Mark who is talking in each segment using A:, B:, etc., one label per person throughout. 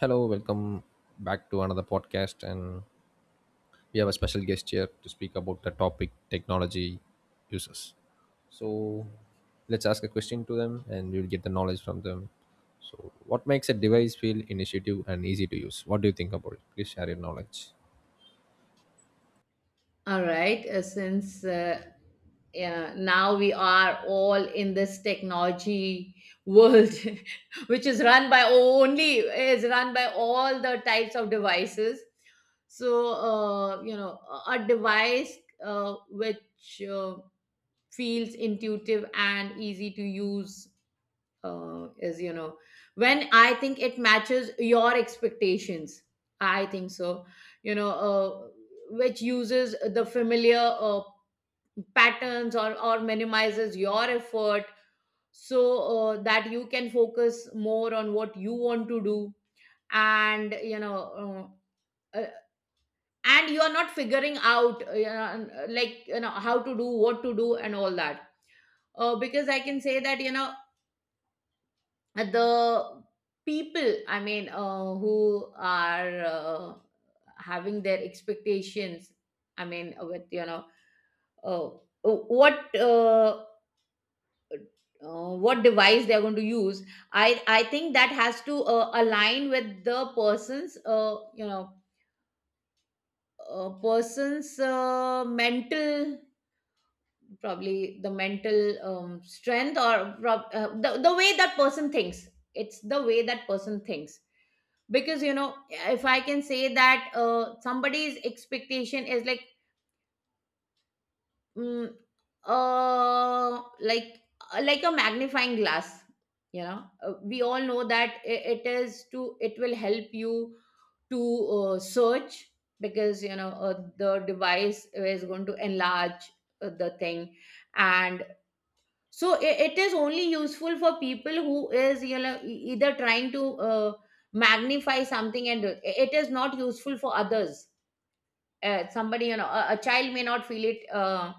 A: Hello, welcome back to another podcast. And we have a special guest here to speak about the topic technology users. So let's ask a question to them and we'll get the knowledge from them. So, what makes a device feel initiative and easy to use? What do you think about it? Please share your knowledge.
B: Since yeah, now we are all in this technology world, which is run by all the types of devices. So a device which feels intuitive and easy to use, is, when I think, it matches your expectations. I think so. You know, uh, which uses the familiar patterns, or minimizes your effort so that you can focus more on what you want to do, and you know uh, uh, and you are not figuring out, like, how to do, what to do, and all that, because I can say that, the people, who are, having their expectations, I mean with you know uh, what uh, what device they're going to use, I think that has to align with the person's you know person's, mental, probably, the mental strength, or the, way that person thinks. It's the way that person thinks. Because, if I can say that, somebody's expectation is like, Mm, uh, like like a magnifying glass. We all know that it will help you to search, because, the device is going to enlarge the thing. And so I It is only useful for people who is, either trying to magnify something, and it is not useful for others. Somebody, a child may not feel it,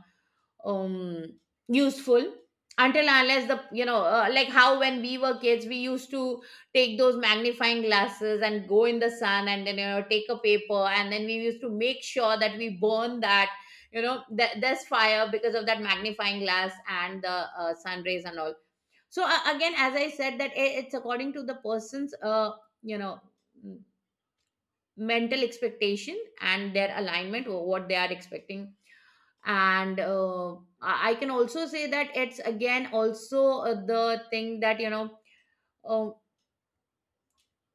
B: um useful, until unless the, like, how when we were kids, we used to take those magnifying glasses and go in the sun, and then, take a paper, and then we used to make sure that we burn that, that there's fire because of that magnifying glass and the sun rays and all. So again, as I said, that it's according to the person's, you know mental expectation and their alignment, or what they are expecting. And I can also say that it's again also the thing that, uh,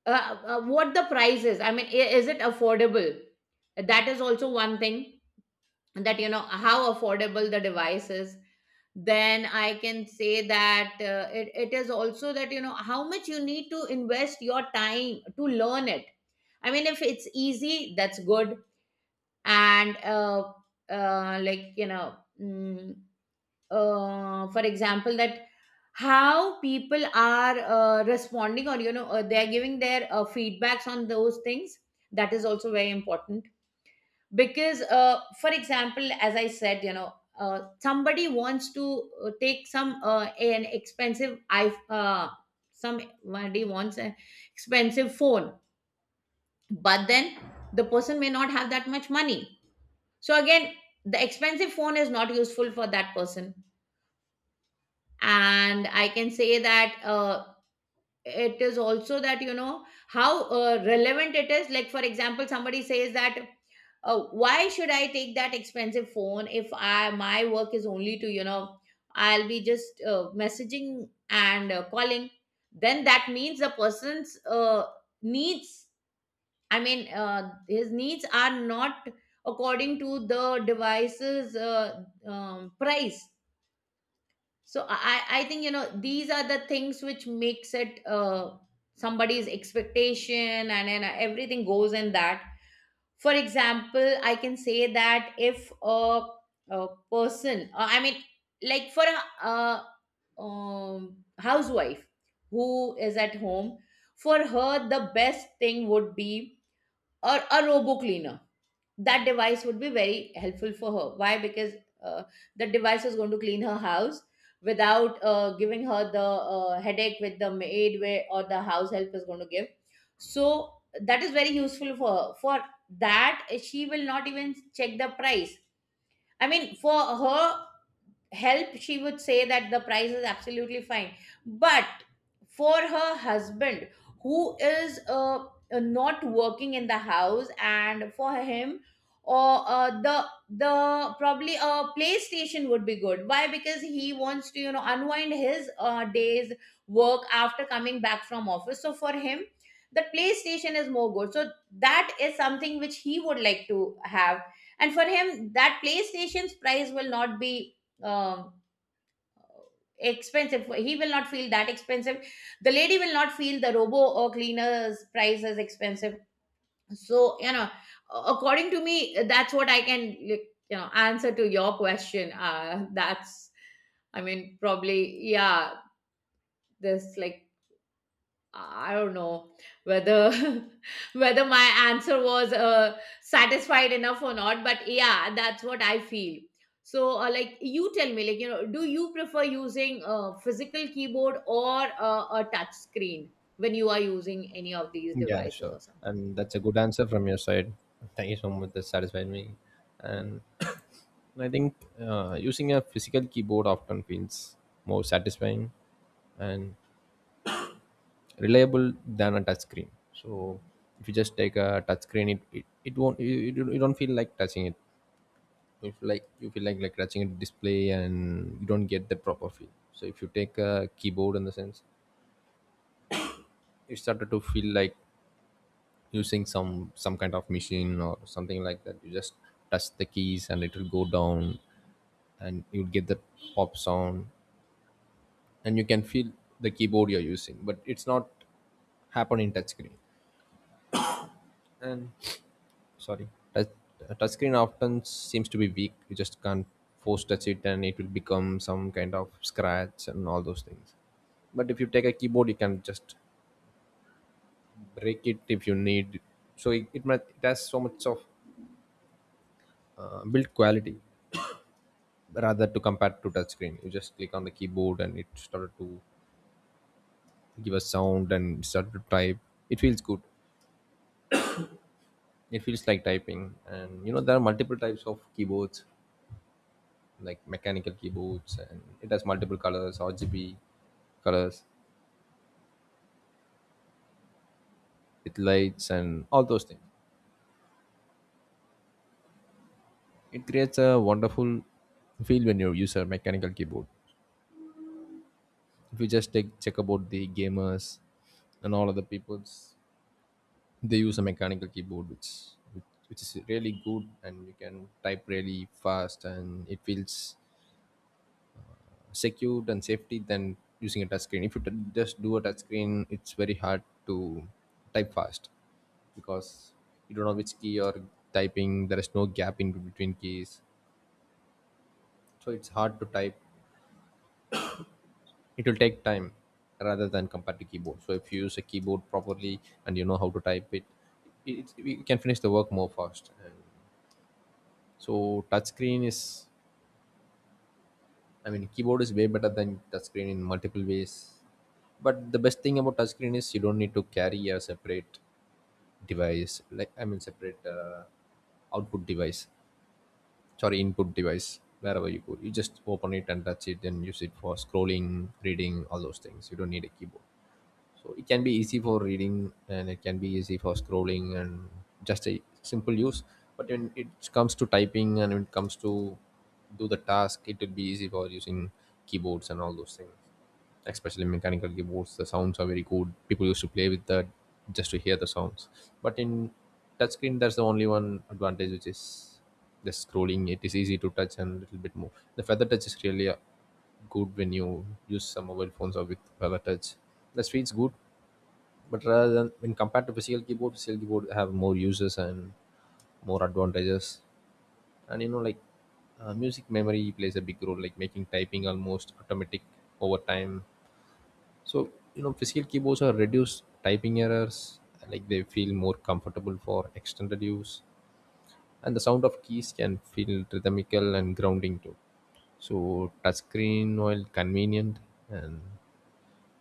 B: what the price is. I mean, is it affordable? That is also one thing. That you know how affordable the device is. Then I can say that, it is also that, you know, how much you need to invest your time to learn it. I mean, if it's easy, that's good. And like you know mm, For example, that how people are responding, or, they are giving their feedbacks on those things. That is also very important. Because, for example, as I said, somebody wants to take some an expensive I somebody wants an expensive phone, but then the person may not have that much money. So again, the expensive phone is not useful for that person. And I can say that, it is also that, you know, how relevant it is. Like for example, somebody says that, why should I take that expensive phone if I my work is only to, I'll be just messaging and calling? Then that means the person's needs, his needs are not according to the device's price. So I think, you know, these are the things which makes it, somebody's expectation, and then everything goes in that. For example, I can say that if a person, like for a, a housewife who is at home, for her the best thing would be a robo cleaner. That device would be very helpful for her. Why? Because uh, the device is going to clean her house without giving her the headache with the maid where, or the house help is going to give. So that is very useful for her. For that, she will not even check the price. I mean, for her, help, she would say that the price is absolutely fine. But for her husband, who is, not working in the house, and for him, or the probably a PlayStation would be good. Why? Because he wants to, you know, unwind his days work after coming back from office. So for him, the PlayStation is more good. So that is something which he would like to have. And for him, that PlayStation's price will not be um expensive, he will not feel that expensive. The lady will not feel the robo or cleaner's price as expensive. So, you know, according to me, that's what I can, like, you know, answer to your question. That's I mean Probably, yeah, this, like, I don't know whether whether my answer was satisfied enough or not, but yeah, that's what I feel. So, you tell me, do you prefer using a physical keyboard or a touch screen when you are using any of these
A: Yeah,
B: devices
A: sure.
B: or something?
A: And that's a good answer from your side. Thank you so much. That satisfied me. And I think using a physical keyboard often feels more satisfying and reliable than a touch screen. So if you just take a touch screen, it won't you don't feel like touching it. If like you feel like touching a display and you don't get the proper feel. So if you take a keyboard in the sense, you started to feel like using some kind of machine or something like that. You just touch the keys and it will go down and you'll get the pop sound and you can feel the keyboard you're using, but it's not happen in touchscreen. And sorry, touch, touch screen often seems to be weak. You just can't force touch it and it will become some kind of scratch and all those things, but if you take a keyboard you can just break it if you need. So it has so much of build quality rather to compare to touch screen. You just click on the keyboard and it started to give a sound and started to type. It feels good. It feels like typing. And you know, there are multiple types of keyboards, like mechanical keyboards, and it has multiple colors, RGB colors. It lights and all those things. It creates a wonderful feel when you use a mechanical keyboard. If you just take check about the gamers and all other peoples, they use a mechanical keyboard which is really good, and you can type really fast and it feels secured and safety than using a touch screen. If you just do a touch screen, it's very hard to type fast, because you don't know which key you're typing. There is no gap in between keys, so it's hard to type. It will take time rather than compared to keyboard. So if you use a keyboard properly and you know how to type it, it you can finish the work more fast. And so touch screen is, I mean, keyboard is way better than touchscreen in multiple ways. But the best thing about touchscreen is you don't need to carry a separate device, like I mean, separate output device, sorry, input device, wherever you go. You just open it and touch it and use it for scrolling, reading, all those things. You don't need a keyboard, so it can be easy for reading and it can be easy for scrolling and just a simple use. But when it comes to typing and when it comes to do the task, it will be easy for using keyboards and all those things, especially mechanical keyboards. The sounds are very good. People used to play with that just to hear the sounds. But in touchscreen, that's the only one advantage, which is the scrolling. It is easy to touch and a little bit more. The feather touch is really good when you use some mobile phones or with power touch. That's feels good, but rather than when compared to physical keyboard have more uses and more advantages. And you know, like music memory plays a big role, like making typing almost automatic over time. So you know, physical keyboards are reduced typing errors. Like they feel more comfortable for extended use, and the sound of keys can feel rhythmical and grounding too. So touchscreen while convenient and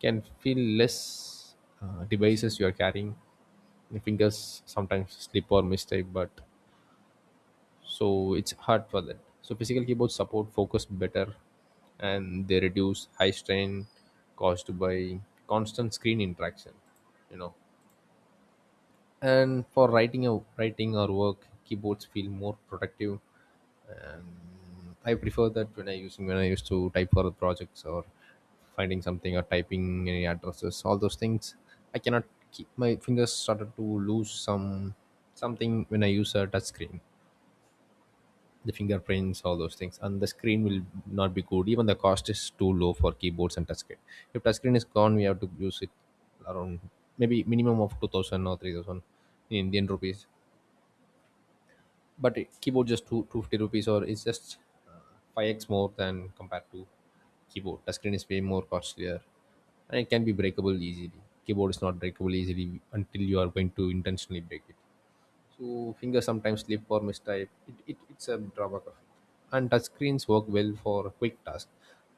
A: can feel less devices you are carrying, the fingers sometimes slip or mistake, but so it's hard for that. So physical keyboards support focus better and they reduce high strain caused by constant screen interaction, you know. And for writing, a writing or work, keyboards feel more productive. And I prefer that when I using when I used to type for projects or finding something or typing any addresses, all those things. I cannot keep my fingers started to lose some something when I use a touch screen. The fingerprints, all those things, and the screen will not be good. Even the cost is too low for keyboards and touch screen. If touch screen is gone, we have to use it around maybe minimum of 2000 or 3000 in Indian rupees. But keyboard just two 250 rupees, or it's just 5x more than compared to keyboard. Touchscreen is way more costlier and it can be breakable easily. Keyboard is not breakable easily until you are going to intentionally break it. So fingers sometimes slip or mistype. It's a drawback of it. And touchscreens work well for quick tasks,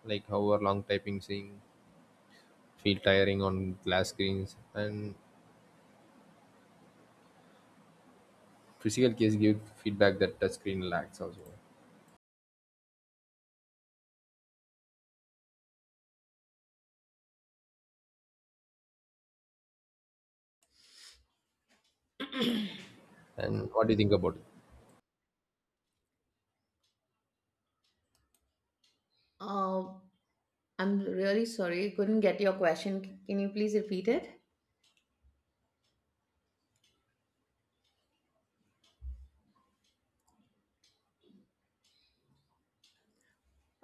A: like however long typing seem feel tiring on glass screens. And physical case give feedback that touchscreen lacks also. And what do you think about it?
B: Uh, I'm really sorry, couldn't get your question. Can you please repeat it?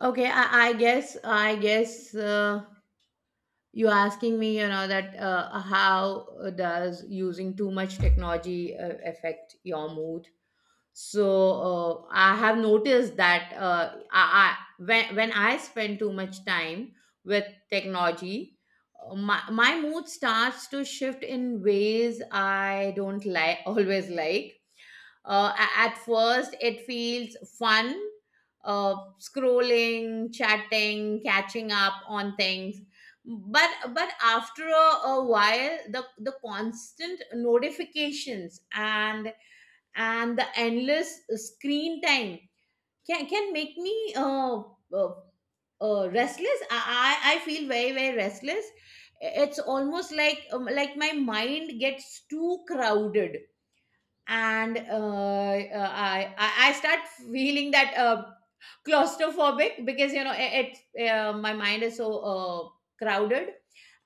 B: Okay, I guess, you asking me, you know, that, how does using too much technology affect your mood? so I have noticed that, I when, I spend too much time with technology, my mood starts to shift in ways I don't like always. Like, at first, it feels fun, uh, scrolling, chatting, catching up on things. But after a while, the constant notifications and the endless screen time can make me, uh, restless. I feel very very restless. It's almost like, my mind gets too crowded, and, I start feeling that, claustrophobic, because, you know, it my mind is so crowded,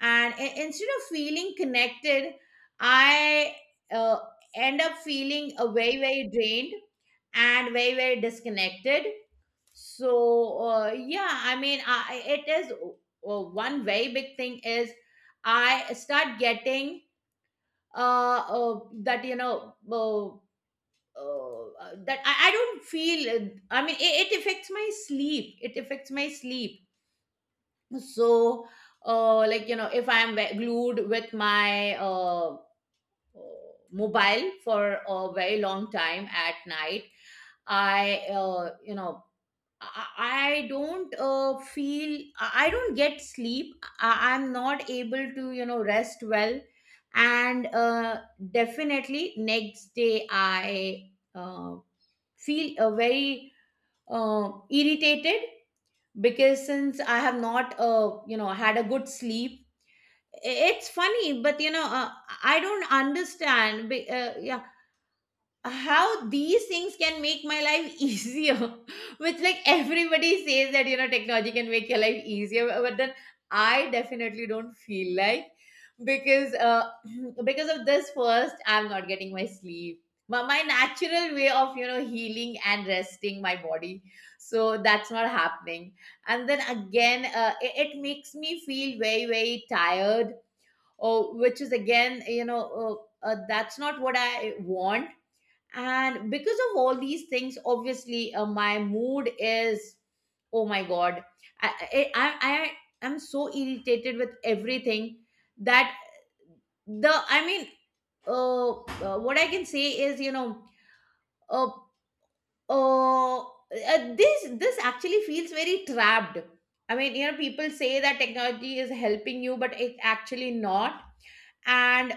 B: and instead of feeling connected, I, uh, end up feeling very very drained and very very disconnected. So yeah, I mean, it is, one very big thing is, I start getting, uh, uh that, you know. That I don't feel, it affects my sleep, so, like, you know, if I'm glued with my, uh, mobile for a very long time at night, I, I don't feel, I don't get sleep. I'm not able to, you know, rest well, and, definitely next day I, feel very irritated, because since I have not, you know, had a good sleep. It's funny, but, you know, I don't understand yeah, how these things can make my life easier, which, like, everybody says that, you know, technology can make your life easier, but then I definitely don't feel like, because because of this, first I'm not getting my sleep, my natural way of, you know, healing and resting my body, so that's not happening. And then again, it makes me feel very very tired, or which is again, you know, that's not what I want. And because of all these things, obviously, my mood is, oh my god, I, I i I am so irritated with everything, that the I mean what I can say is, you know, uh, uh, uh, this actually feels very trapped. I mean, you know, people say that technology is helping you, but it's actually not. and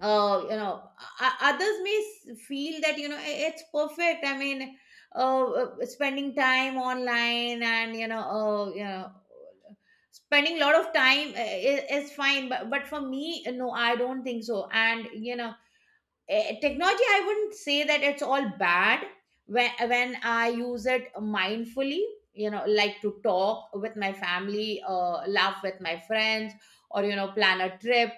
B: uh, you know, others may feel that, you know, it's perfect. I mean, spending time online and, spending a lot of time is fine. But for me, no, I don't think so. And you know, technology, I wouldn't say that it's all bad when I use it mindfully. You know, like, to talk with my family, laugh with my friends, or, you know, plan a trip.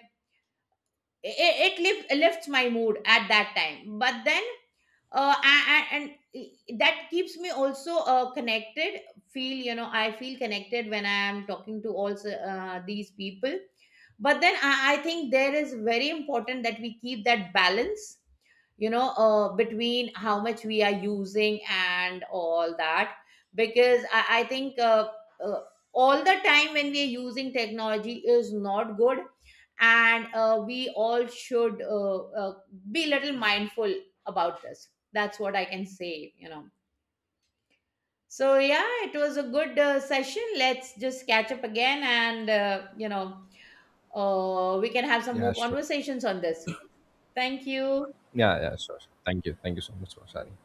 B: It lifts my mood at that time, but then, I- and that keeps me also connected. Feel you know i feel connected when I am talking to also these people. But then I think there is very important that we keep that balance, you know, between how much we are using and all that. Because I think, uh, all the time when we are using technology is not good. And, we all should, be a little mindful about this. That's what I can say, you know. So yeah, it was a good session. Let's just catch up again, and, you know, we can have some
A: Yeah,
B: more
A: sure.
B: conversations on this. Thank you.
A: Yeah, yeah, sure. Sure. Thank you. Thank you so much for sharing.